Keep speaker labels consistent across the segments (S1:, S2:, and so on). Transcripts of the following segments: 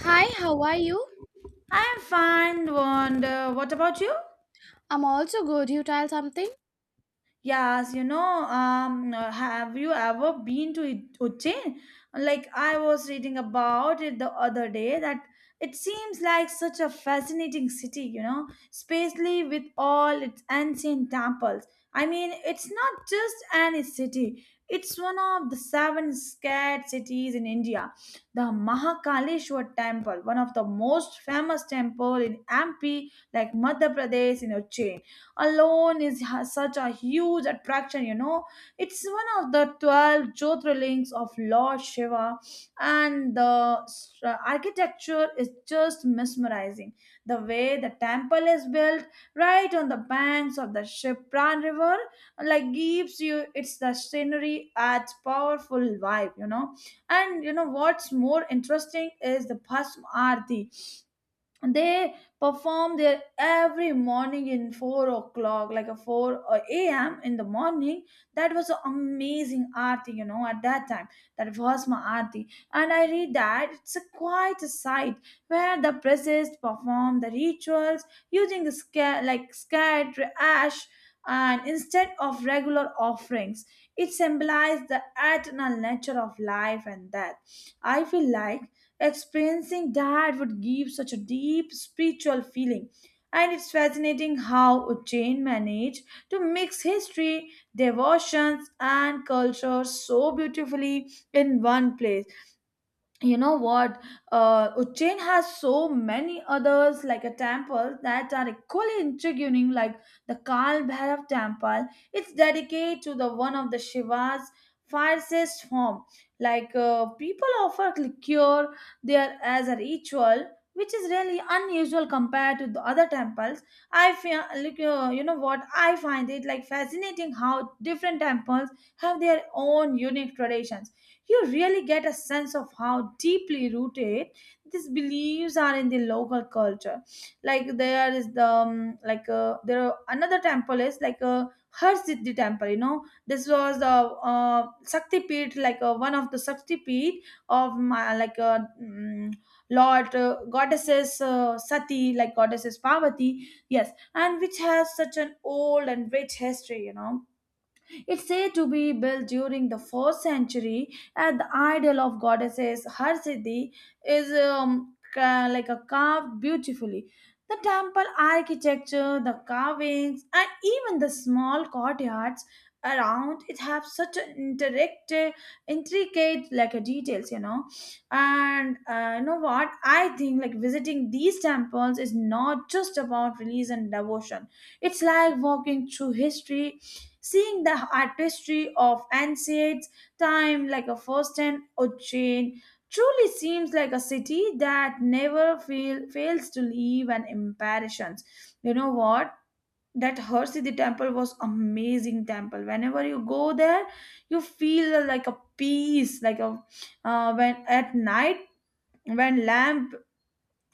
S1: Hi, how are you?
S2: I'm fine, and what about you?
S1: I'm also good. You tell something?
S2: Yes, have you ever been to Ujjain? Like I was reading about it the other day, that it seems like such a fascinating city, you know, especially with all its ancient temples. I mean, it's not just any city; it's one of the seven scared cities in India. The Mahakaleshwar Temple, one of the most famous temple in MP, like Madhya Pradesh, in Ujjain alone is such a huge attraction, you know. It's one of the 12 jyotirlings of Lord Shiva, and the architecture is just mesmerizing. The way the temple is built right on the banks of the Shipran River, like gives you, it's the scenery adds powerful vibe, you know. And you know what's more interesting is the bhasm aarti they perform there every morning in 4 o'clock, like a 4 or am in the morning. That was an amazing arti, you know, at that time. That was my arti. And I read that it's a quite a sight where the priests perform the rituals using like scared ash, and instead of regular offerings, it symbolized the eternal nature of life and death. I feel like experiencing that would give such a deep spiritual feeling. And it's fascinating how Ujjain managed to mix history, devotions, and culture so beautifully in one place. You know what, Ujjain has so many others like a temple that are equally intriguing, like the Kal Bhairav temple. It's dedicated to the one of the Shiva's fiercest form. Like, people offer liquor there as a ritual, which is really unusual compared to the other temples. I feel like, you know what, I find it like fascinating how different temples have their own unique traditions. You really get a sense of how deeply rooted these beliefs are in the local culture. Like, there is the there are another temple is like a Harsiddhi temple, you know. This was the Shakti Peeth, like one of the Shakti Peeth of my, like Lord, goddesses, Sati, like goddesses Parvati, yes, and which has such an old and rich history, you know. It's said to be built during the 4th century, and the idol of goddesses Harsiddhi is like a carved beautifully. The temple architecture, the carvings, and even the small courtyards around it have such an interactive, intricate, details, you know. And you know what? I think like visiting these temples is not just about religion and devotion. It's like walking through history, seeing the artistry of ancient time like a first-hand chain. Truly seems like a city that never fail, fails to leave an impression. You know what? That Harsiddhi temple was amazing temple. Whenever you go there, you feel like a peace, like a, when at night, when lamp,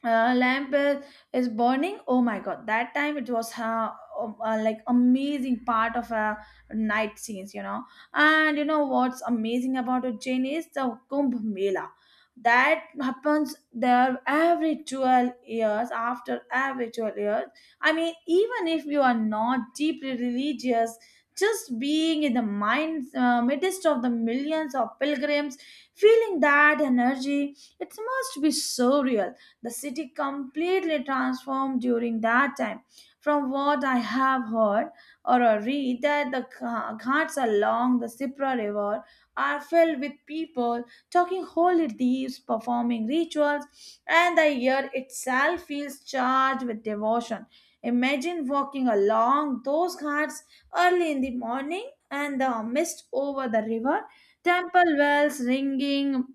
S2: uh, lamp uh, is burning, oh my god, that time it was like amazing part of, night scenes, you know. And you know what's amazing about Ujjain is the kumbh mela that happens there every 12 years, after every 12 years. I mean, even if you are not deeply religious, just being in the mind midst of the millions of pilgrims, feeling that energy, it must be surreal. The city completely transformed during that time. From what I have heard or read, that the ghats along the Sipra River are filled with people talking holy deeds, performing rituals, and the air itself feels charged with devotion. Imagine walking along those ghats early in the morning and the mist over the river, temple bells ringing,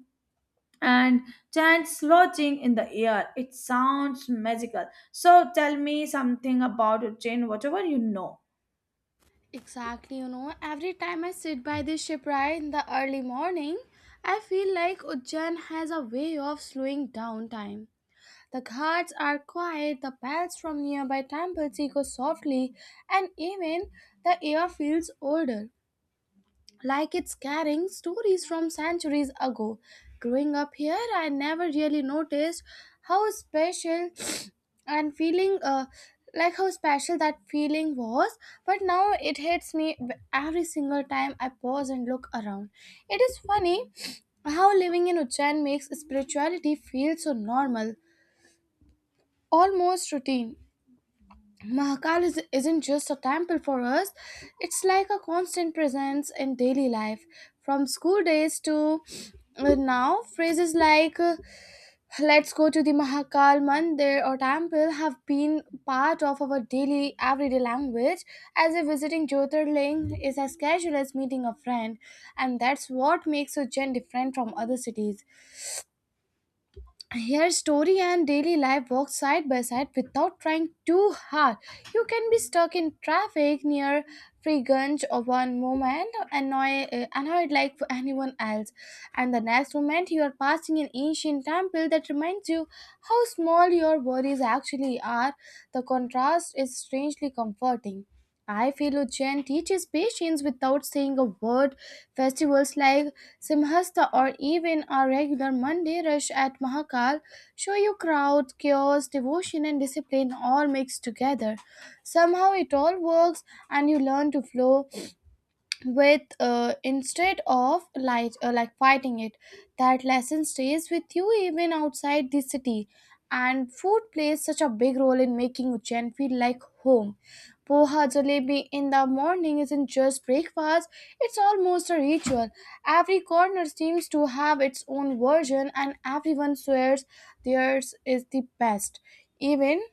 S2: and chants lodging in the air. It sounds magical. So tell me something about your chain, whatever you know.
S1: Exactly, you know, every time I sit by this shipwright in the early morning, I feel like Ujjain has a way of slowing down time. The ghats are quiet, the bells from nearby temples echo softly, and even the air feels older, like it's carrying stories from centuries ago. Growing up here, I never really noticed how special and feeling like how special that feeling was, but now it hits me every single time I pause and look around. It is funny how living in Ujjain makes spirituality feel so normal, almost routine. Mahakal isn't just a temple for us, it's like a constant presence in daily life. From school days to now, phrases like let's go to the Mahakal Mandir or temple have been part of our daily, everyday language, as if visiting Jyotirling is as casual as meeting a friend, and that's what makes Ujjain different from other cities. Here, story and daily life walk side by side without trying too hard. You can be stuck in traffic near Frigunge or one moment, annoyed like anyone else, and the next moment you are passing an ancient temple that reminds you how small your worries actually are. The contrast is strangely comforting. I feel Ujjain teaches patience without saying a word. Festivals like Simhasta or even our regular Monday rush at Mahakal show you crowd, chaos, devotion, and discipline all mixed together. Somehow it all works and you learn to flow, with instead of like fighting it. That lesson stays with you even outside the city. And food plays such a big role in making Ujjain feel like home. Poha jalebi in the morning isn't just breakfast, it's almost a ritual. Every corner seems to have its own version and everyone swears theirs is the best. Even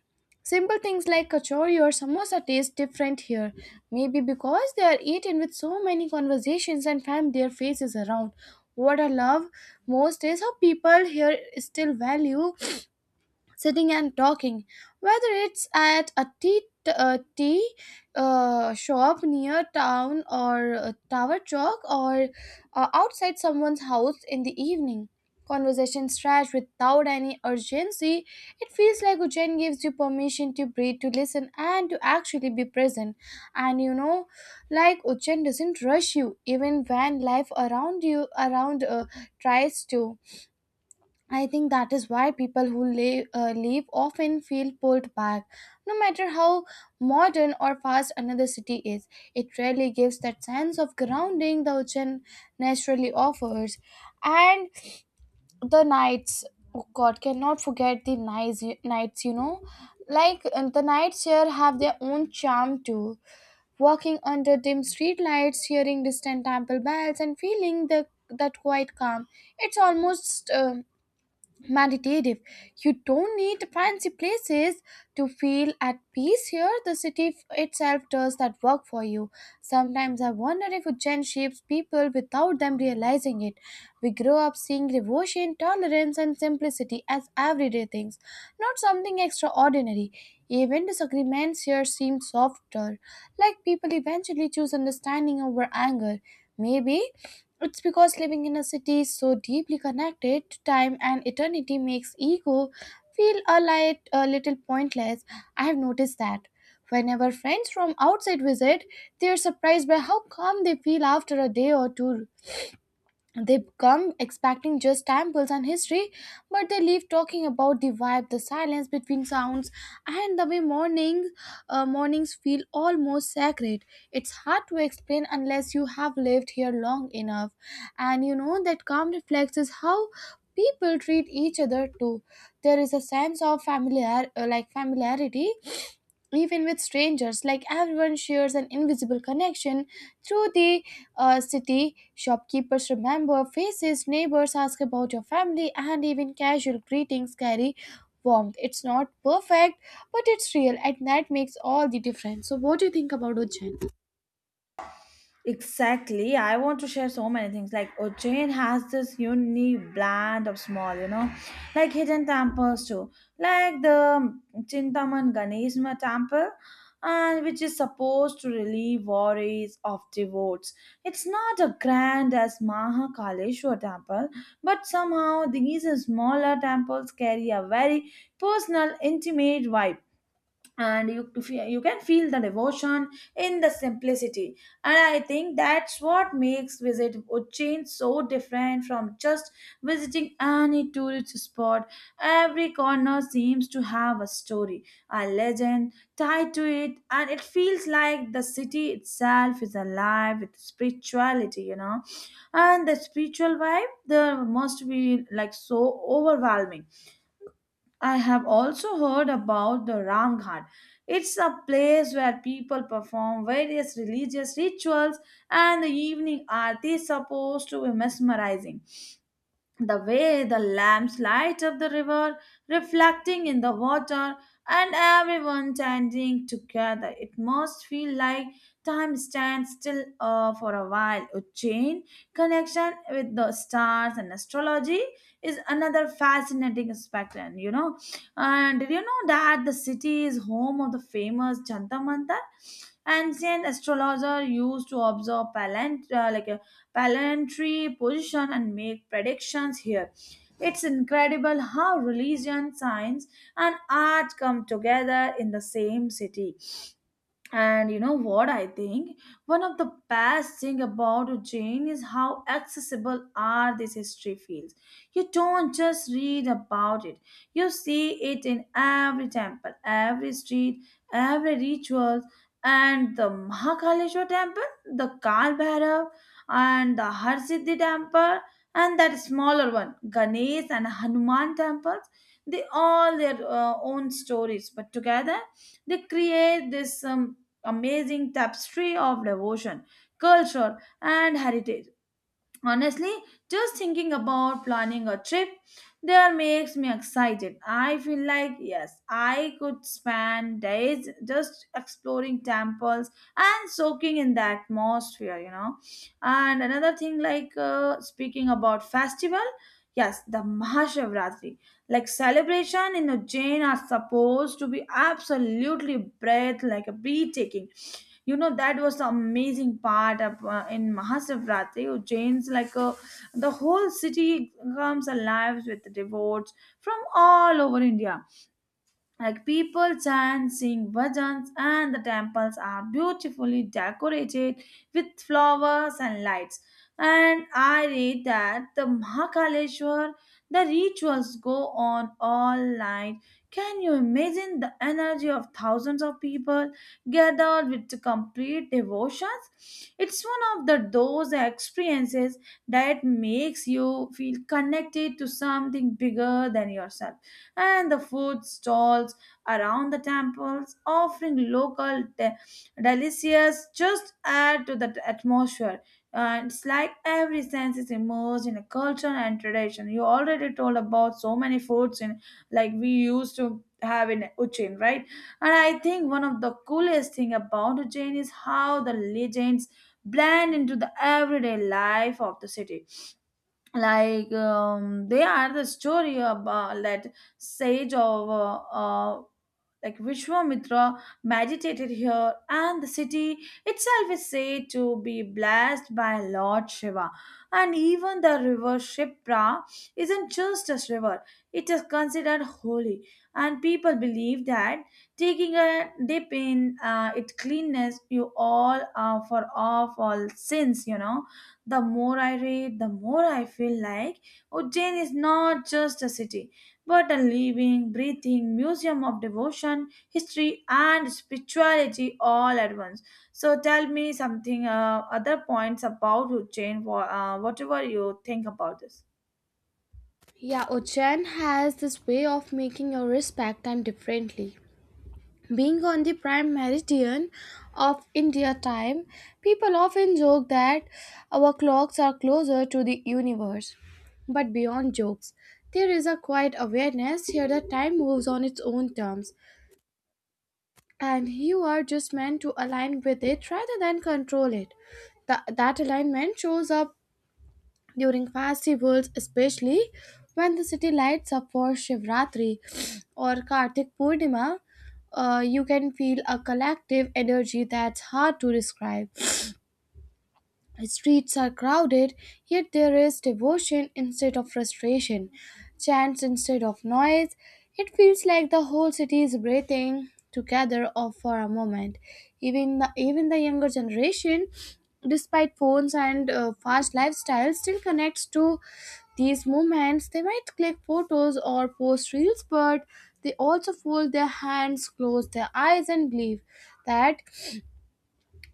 S1: simple things like kachori or samosa taste different here. Maybe because they are eaten with so many conversations and fam their faces around. What I love most is how people here still value sitting and talking, whether it's at a tea shop near town or a tower chalk or outside someone's house in the evening. Conversation stretch without any urgency. It feels like Ujjain gives you permission to breathe, to listen, and to actually be present. And you know, like Ujjain doesn't rush you, even when life around you around tries to. I think that is why people who live leave often feel pulled back. No matter how modern or fast another city is, it rarely gives that sense of grounding the ocean naturally offers. And the nights, oh God, cannot forget the nights, nights you know. The nights here have their own charm too. Walking under dim streetlights, hearing distant temple bells, and feeling the that quiet calm. It's almost meditative. You don't need fancy places to feel at peace here. The city itself does that work for you. Sometimes I wonder if Ujjain shapes people without them realizing it. We grow up seeing devotion, tolerance, and simplicity as everyday things, not something extraordinary. Even disagreements here seem softer, like people eventually choose understanding over anger. Maybe it's because living in a city is so deeply connected to time and eternity makes ego feel light, a little pointless. I have noticed that. Whenever friends from outside visit, they are surprised by how calm they feel after a day or two. They come expecting just temples and history, but they leave talking about the vibe, the silence between sounds, and the way mornings feel almost sacred. It's hard to explain unless you have lived here long enough. And you know, that calm reflects is how people treat each other too. There is a sense of familiarity even with strangers, like everyone shares an invisible connection through the city. Shopkeepers remember faces, neighbors ask about your family, and even casual greetings carry warmth. It's not perfect, but it's real, and that makes all the difference. So what do you think about ocean?
S2: Exactly. I want to share so many things. Like, Ujjain has this unique blend of small, you know, like hidden temples too. Like the Chintaman Ganesma temple, and which is supposed to relieve worries of devotees. It's not as grand as Mahakaleshwar temple, but somehow these smaller temples carry a very personal, intimate vibe, and you to you can feel the devotion in the simplicity. And I think that's what makes visit Uज्ജैin so different from just visiting any tourist spot. Every corner seems to have a story, a legend tied to it, and it feels like the city itself is alive with spirituality, you know. And the spiritual vibe there must be like so overwhelming. I have also heard about the Ram Ghat. It's a place where people perform various religious rituals, and the evening aarti is supposed to be mesmerizing. The way the lamps light up the river, reflecting in the water, and everyone standing together, it must feel like time stands still, for a while. Ujjain connection with the stars and astrology is another fascinating aspect. And you know, and did you know that the city is home of the famous Jantar Mantar? Ancient astrologer used to observe like Palantry, position and make predictions here. It's incredible how religion, science, and art come together in the same city. And you know what I think? One of the best thing about Ujjain is how accessible are these history fields. You don't just read about it. You see it in every temple, every street, every ritual. And the Mahakaleshwar temple, the Kal Bhairav, and the Harsiddhi temple, and that smaller one, Ganesh and Hanuman temples, they all their own stories. But together, they create this amazing tapestry of devotion, culture, and heritage. Honestly, just thinking about planning a trip there makes me excited. I feel like, yes, I could spend days just exploring temples and soaking in the atmosphere, you know. And another thing, like, speaking about festival, yes, the Mahashivratri, like celebration in Ujjain are supposed to be absolutely breath like a breathtaking, you know. That was the amazing part of, in Mahashivratri, Ujjain's, the whole city comes alive with devotees from all over India. Like, people chant, sing bhajans, and the temples are beautifully decorated with flowers and lights. And I read that the Mahakaleshwar, the rituals go on all night. Can you imagine the energy of thousands of people gathered with complete devotions? It's one of the those experiences that makes you feel connected to something bigger than yourself. And the food stalls around the temples offering local delicious just add to the atmosphere, and it's like every sense is immersed in a culture and tradition. You already told about so many foods in like we used to have in Ujjain, right. And I think one of the coolest thing about Ujjain is how the legends blend into the everyday life of the city. Like, they are the story about that sage of like Vishwamitra meditated here, and the city itself is said to be blessed by Lord Shiva. And even the river Shipra isn't just a river, it is considered holy. And people believe that taking a dip in, its cleanness, you all are for off all sins, you know. The more I read, the more I feel like Ujjain is not just a city, but a living, breathing museum of devotion, history, and spirituality all at once. So tell me something, other points about Ujjain, whatever you think about this.
S1: Yeah, ocean has this way of making you respect them differently. Being on the prime meridian of India time, people often joke that our clocks are closer to the universe. But beyond jokes, there is a quiet awareness here that time moves on its own terms, and you are just meant to align with it rather than control it. That alignment shows up during festivals, especially when the city lights up for Shivratri or Kartik Purnima. You can feel a collective energy that's hard to describe. Streets are crowded, yet there is devotion instead of frustration, chants instead of noise. It feels like the whole city is breathing together or for a moment. Even the younger generation, despite phones and fast lifestyles, still connects to these moments. They might click photos or post reels, but they also fold their hands, close their eyes, and believe that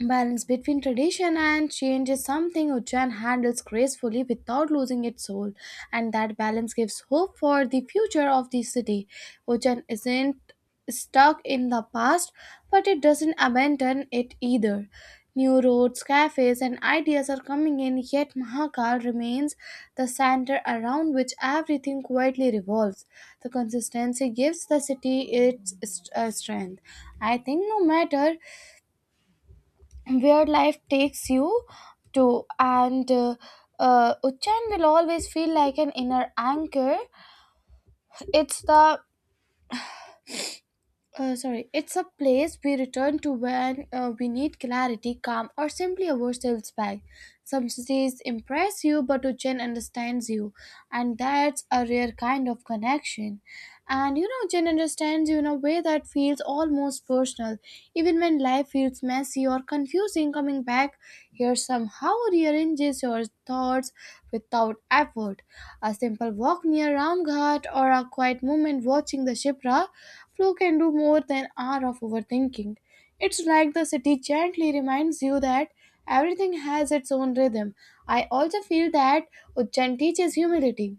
S1: balance between tradition and change is something Ujjain handles gracefully without losing its soul, and that balance gives hope for the future of the city. Ujjain isn't stuck in the past, but it doesn't abandon it either. New roads, cafes, and ideas are coming in, yet Mahakal remains the center around which everything quietly revolves. The consistency gives the city its strength. I think no matter where life takes you to and Uchan will always feel like an inner anchor. It's the sorry, it's a place we return to when we need clarity, calm, or simply ourselves back. Some cities impress you, but Uchan understands you, and that's a rare kind of connection. And you know, Jen understands you in a way that feels almost personal. Even when life feels messy or confusing, coming back here somehow rearranges your thoughts without effort. A simple walk near Ramghat or a quiet moment watching the Shipra flow can do more than hour of overthinking. It's like the city gently reminds you that everything has its own rhythm. I also feel that Ujjain teaches humility.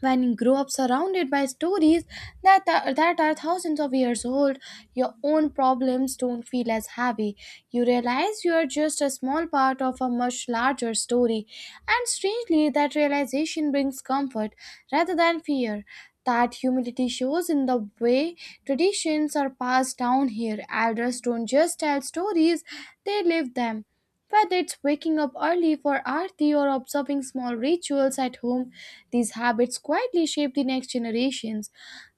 S1: When you grow up surrounded by stories that are thousands of years old, your own problems don't feel as heavy. You realize you are just a small part of a much larger story. And strangely, that realization brings comfort rather than fear. That humility shows in the way traditions are passed down here. Elders don't just tell stories, they live them. Whether it's waking up early for arti or observing small rituals at home, these habits quietly shape the next generations.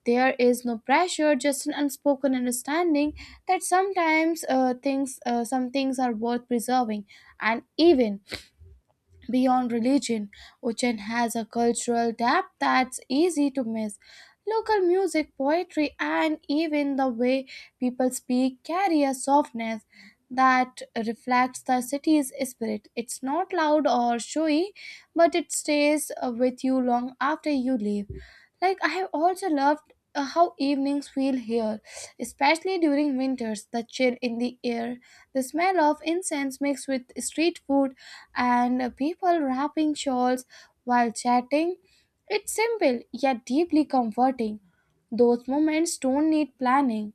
S1: There is no pressure, just an unspoken understanding that some things are worth preserving, and even beyond religion, Uchen has a cultural depth that's easy to miss. Local music, poetry, and even the way people speak carry a softness that reflects the city's spirit. It's not loud or showy, but it stays with you long after you leave. Like, I have also loved how evenings feel here, especially during winters, the chill in the air, the smell of incense mixed with street food and people wrapping shawls while chatting. It's simple yet deeply comforting. Those moments don't need planning,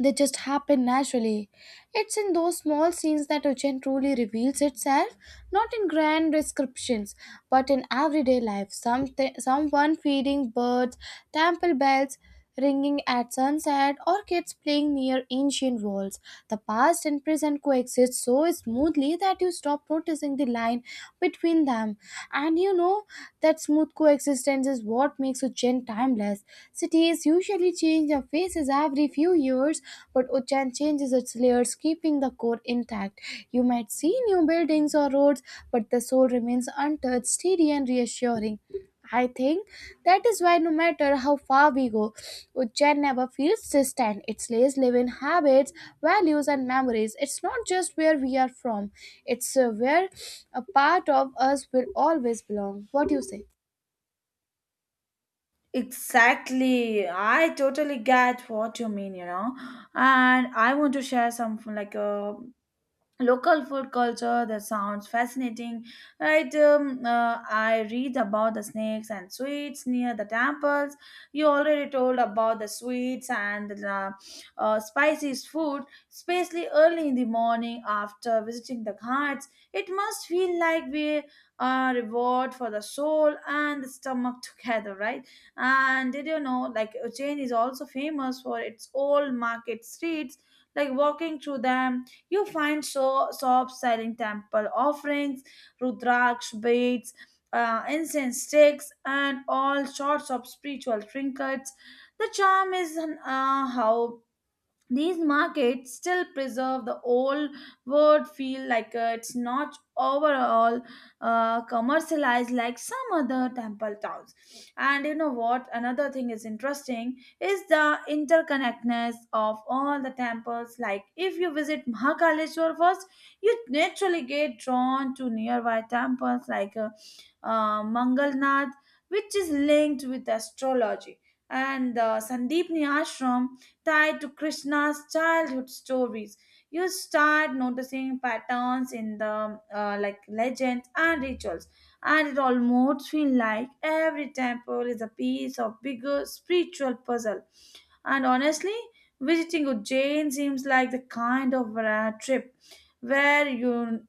S1: they just happen naturally. It's in those small scenes that Ocean truly reveals itself, not in grand descriptions, but in everyday life. Something, someone feeding birds, temple bells ringing at sunset, or kids playing near ancient walls. The past and present coexist so smoothly that you stop noticing the line between them. And you know, that smooth coexistence is what makes Ujjain timeless. Cities usually change their faces every few years, but Ujjain changes its layers, keeping the core intact. You might see new buildings or roads, but the soul remains untouched, steady, and reassuring. I think that is why no matter how far we go, Ujjain never feels distant. It lays living habits, values, and memories. It's not just where we are from, it's where a part of us will always belong. What do you say?
S2: Exactly. I totally get what you mean, you know. And I want to share some, local food culture that sounds fascinating, right. I read about the snakes and sweets near the temples. You already told about the sweets and the, spicy food, especially early in the morning after visiting the ghats. It must feel like we are reward for the soul and the stomach together, right. And did you know, like, Ujjain is also famous for its old market streets. Like, walking through them, you find shops selling temple offerings, Rudraksh beads, incense sticks, and all sorts of spiritual trinkets. The charm is, how these markets still preserve the old world feel. Like, it's not overall commercialized like some other temple towns. And you know what, another thing is interesting is the interconnectedness of all the temples. Like, if you visit Mahakaleshwar first, you naturally get drawn to nearby temples, like, Mangalnath, which is linked with astrology, and the Sandeepni Ashram tied to Krishna's childhood stories. You start noticing patterns in the, like legends and rituals, and it almost feels like every temple is a piece of bigger spiritual puzzle. And honestly, visiting Ujjain seems like the kind of trip where you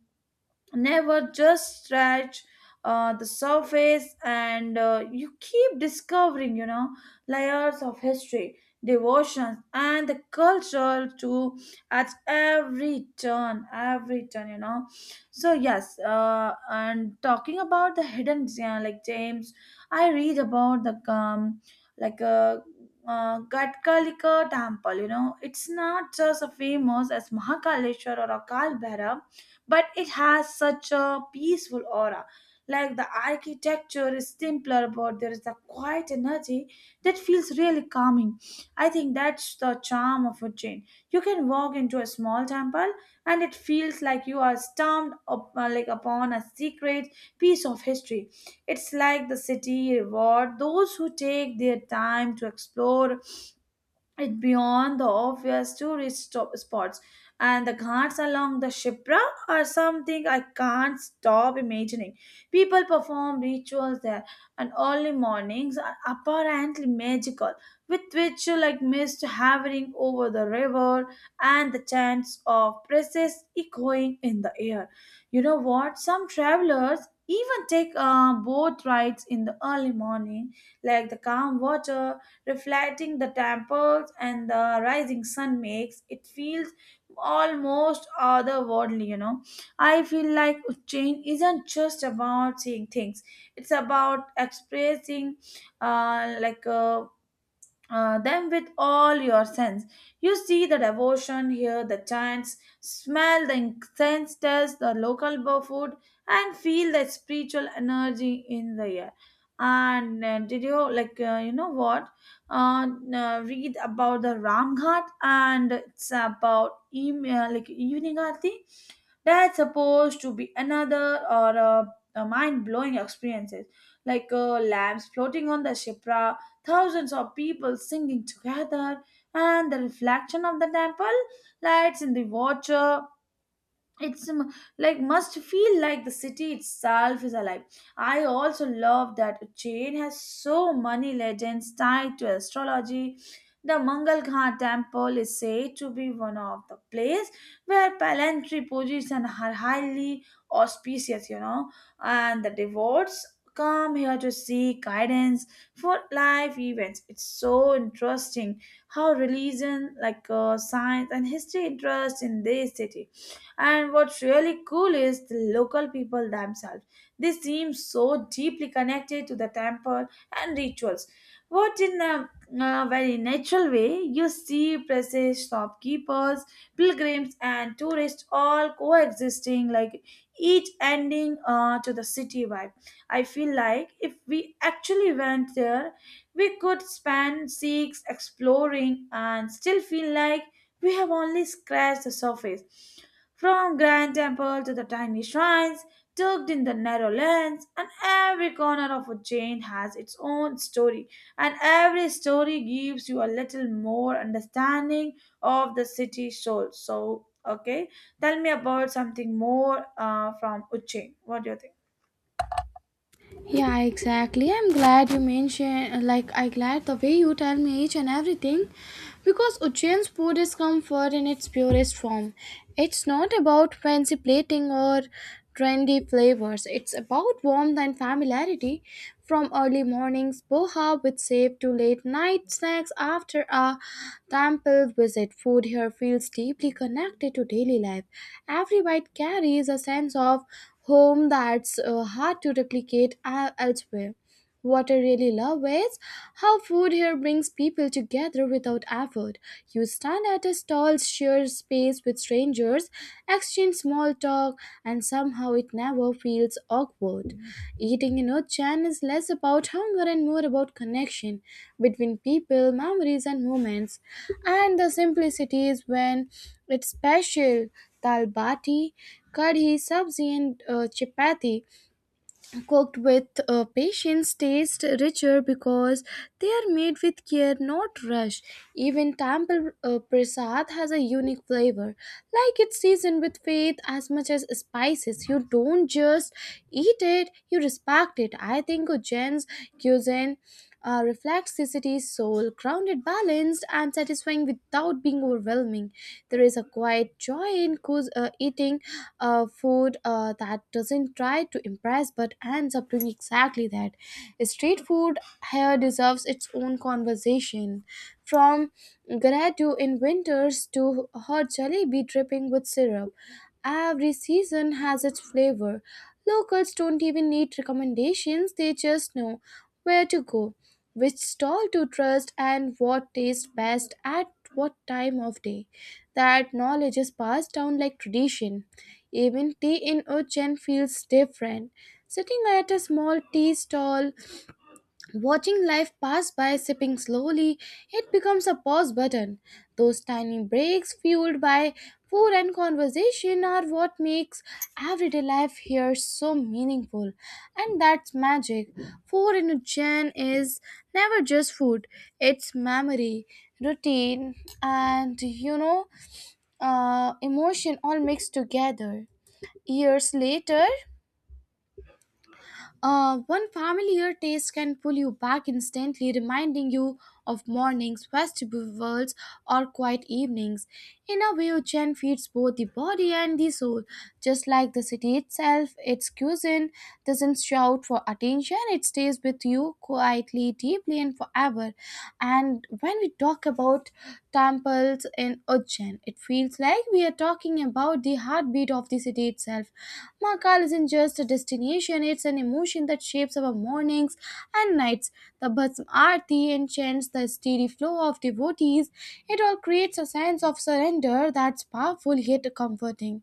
S2: never just scratch the surface, and you keep discovering layers of history, devotions, and the culture too at every turn, so yes. And talking about the hidden, yeah, like James, I read about the like a Gatkalika temple. You know, it's not just a famous as Mahakaleshwar or Akal Bhairav, but it has such a peaceful aura. Like, the architecture is simpler, but there is a quiet energy that feels really calming. I think that's the charm of Ujjain. You can walk into a small temple and it feels like you are stamped up, like upon a secret piece of history. It's like the city reward those who take their time to explore it beyond the obvious tourist stop spots, and the ghats along the Shipra are something I can't stop imagining. People perform rituals there, and early mornings are apparently magical, with which you like mist hovering over the river and the chants of praises echoing in the air. You know what, some travelers even take boat rides in the early morning, like the calm water reflecting the temples and the rising sun makes it feels almost otherworldly, you know? I feel like change isn't just about seeing things, it's about expressing uh, like uh, them with all your sense. You see the devotion, hear the chants, smell the incense, taste the local food, and feel the spiritual energy in the air. And did you like you know what? Uh, Read about the Ramghat and it's about like evening aarti. That's supposed to be another, mind blowing experiences, like lamps floating on the Shipra, thousands of people singing together, and the reflection of the temple lights in the water. It's like, must feel like the city itself is alive. I also love that chain has so many legends tied to astrology. The Mangal Ghat temple is said to be one of the place where planetary positions are highly auspicious, you know, and the devotees come here to seek guidance for life events. It's so interesting how religion, like, science and history interest in this city. And what's really cool is the local people themselves. They seem so deeply connected to the temple and rituals. What in a very natural way. You see presses, shopkeepers, pilgrims, and tourists all coexisting, like each ending to the city vibe. I feel like if we actually went there, we could spend six exploring and still feel like we have only scratched the surface. From grand temple to the tiny shrines, tucked in the narrow lanes, and every corner of Ujjain has its own story, and every story gives you a little more understanding of the city soul. So, okay, tell me about something more from Ujjain. What do you think?
S1: Yeah, exactly. I'm glad you mentioned, like, I glad the way you tell me each and everything, because Ujjain's food is comfort in its purest form. It's not about fancy plating or trendy flavors. It's about warmth and familiarity. From early mornings boha with save to late night snacks after a temple visit, food here feels deeply connected to daily life. Every bite carries a sense of home that's hard to replicate elsewhere. What I really love is how food here brings people together without effort. You stand at a stall, share space with strangers, exchange small talk, and somehow it never feels awkward. Eating in Ochan is less about hunger and more about connection between people, memories, and moments. And the simplicity is when it's special. Dal bati, kadhi, sabzi, and chapati cooked with patience taste richer because they are made with care, not rush. Even temple prasad has a unique flavor, like it's seasoned with faith as much as spices. You don't just eat it, you respect it. I think Ujjain's cuisine reflects the city's soul: grounded, balanced, and satisfying without being overwhelming. There is a quiet joy in eating food that doesn't try to impress but ends up doing exactly that. Street food here deserves its own conversation. From gelato in winters to hot jalebi dripping with syrup, every season has its flavor. Locals don't even need recommendations, they just know where to go, which stall to trust, and what tastes best at what time of day. That knowledge is passed down like tradition. Even tea in Uchen feels different. Sitting at a small tea stall, watching life pass by, sipping slowly, it becomes a pause button. Those tiny breaks, fueled by food and conversation, are what makes everyday life here so meaningful. And that's magic. Food in Uchen is never just food, it's memory, routine, and emotion all mixed together. Years later, one familiar taste can pull you back instantly, reminding you of mornings, festivals, or quiet evenings. In a way, Chen feeds both the body and the soul. Just like the city itself, its cuisine doesn't shout for attention, it stays with you quietly, deeply, and forever. And when we talk about temples in Ujjain, it feels like we are talking about the heartbeat of the city itself. Mahakal isn't just a destination, it's an emotion that shapes our mornings and nights. The Bhasm Aarti and chants, the steady flow of devotees, it all creates a sense of surrender that's powerful yet comforting.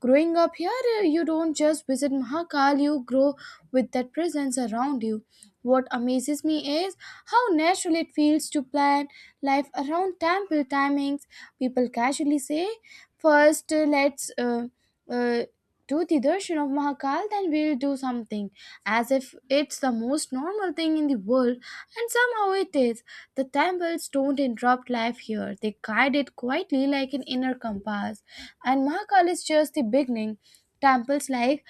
S1: Growing up here, you don't just visit Mahakal, you grow with that presence around you. What amazes me is how natural it feels to plan life around temple timings. People casually say, first let's uh, do the darshan of Mahakal, then we'll do something," as if it's the most normal thing in the world, and somehow it is. The temples don't interrupt life here, they guide it quietly like an inner compass. And Mahakal is just the beginning. Temples like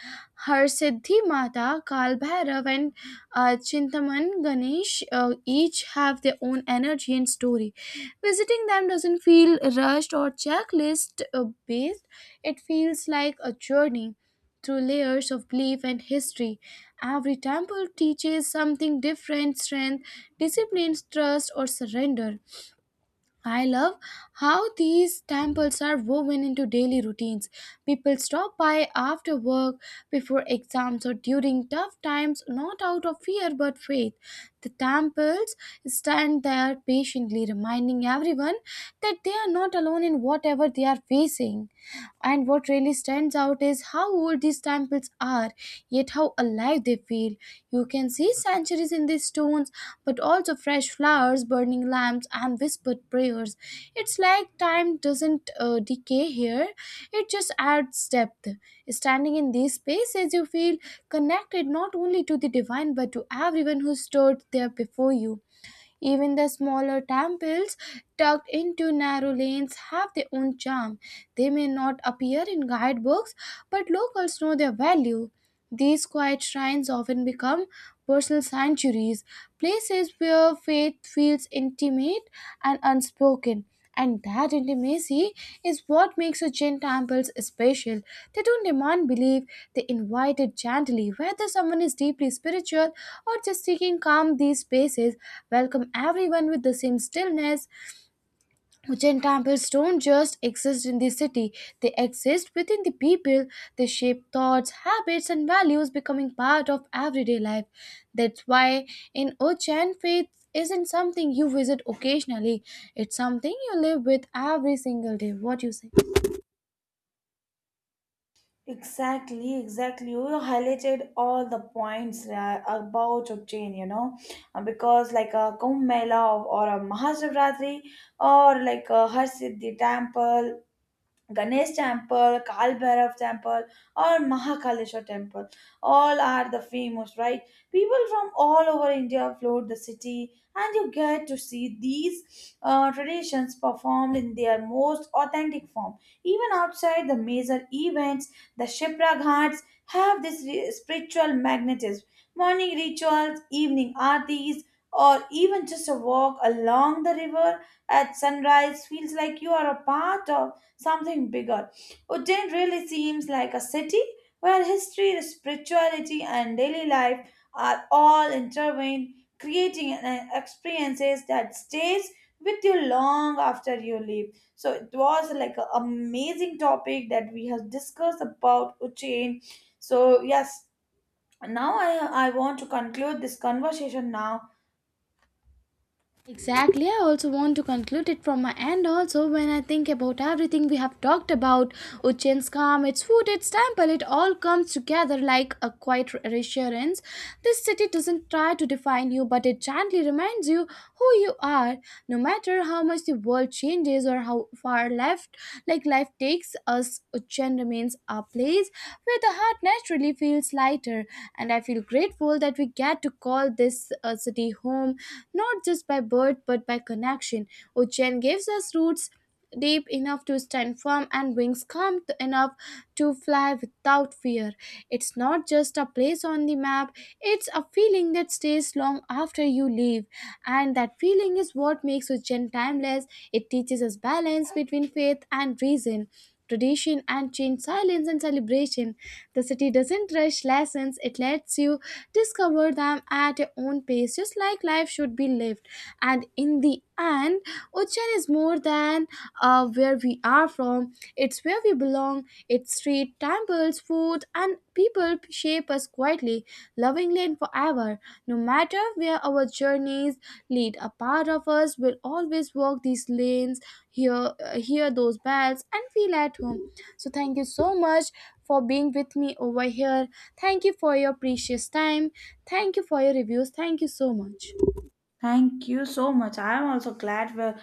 S1: Harsiddhi Mata, Kal Bhairav, and Chintaman Ganesh each have their own energy and story. Visiting them doesn't feel rushed or checklist based, it feels like a journey through layers of belief and history. Every temple teaches something different: strength, discipline, trust, or surrender. I love how these temples are woven into daily routines. People stop by after work, before exams, or during tough times, not out of fear but faith. The temples stand there patiently, reminding everyone that they are not alone in whatever they are facing. And what really stands out is how old these temples are, yet how alive they feel. You can see centuries in these stones, but also fresh flowers, burning lamps, and whispered prayers. It's like time doesn't decay here, it just adds depth. Standing in these spaces, you feel connected not only to the divine but to everyone who stood there before you. Even the smaller temples tucked into narrow lanes have their own charm. They may not appear in guidebooks, but locals know their value. These quiet shrines often become personal sanctuaries, places where faith feels intimate and unspoken. And that intimacy is what makes the Jain temples special. They don't demand belief, they invite it gently. Whether someone is deeply spiritual or just seeking calm, these spaces welcome everyone with the same stillness. Jain temples don't just exist in the city, they exist within the people. They shape thoughts, habits, and values, becoming part of everyday life. That's why in Ochen, faith isn't something you visit occasionally, it's something you live with every single day. What you say?
S2: Exactly, exactly. You highlighted all the points about Ujjain, you know. Because like a Kumbh Mela, or a Mahashivratri, or like a Har Siddhi temple, Ganesh temple, Kal Bhairav temple, or Mahakaleshwar temple. All are the famous, right? People from all over India float the city, and you get to see these traditions performed in their most authentic form. Even outside the major events, the Shipra Ghats have this spiritual magnetism. Morning rituals, evening aartis, or even just a walk along the river at sunrise feels like you are a part of something bigger. Ujjain really seems like a city where history, spirituality, and daily life are all intertwined, creating an experiences that stays with you long after you leave. So it was like an amazing topic that we have discussed about Uchain. So yes, now I want to conclude this conversation now.
S1: Exactly. I also want to conclude it from my end. Also, when I think about everything we have talked about, Ujjain's calm, its food, its temple, it all comes together like a quiet reassurance. This city doesn't try to define you, but it gently reminds you who you are. No matter how much the world changes or how far left, like, life takes us, Ujjain remains a place where the heart naturally feels lighter. And I feel grateful that we get to call this city home, not just by birth but by connection. Ocean gives us roots deep enough to stand firm, and wings enough to fly without fear. It's not just a place on the map, it's a feeling that stays long after you leave. And that feeling is what makes Ujjain timeless. It teaches us balance between faith and reason, tradition and change, silence and celebration. The city doesn't rush lessons, it lets you discover them at your own pace, just like life should be lived. And in the end, Uchan is more than where we are from, it's where we belong. Its street, temples, food, and people shape us quietly, lovingly, and forever. No matter where our journeys lead, a part of us will always walk these lanes, hear those bells, and feel at home. So, thank you so much for being with me over here. Thank you for your precious time. Thank you for your reviews. Thank you so much.
S2: Thank you so much. I am also glad we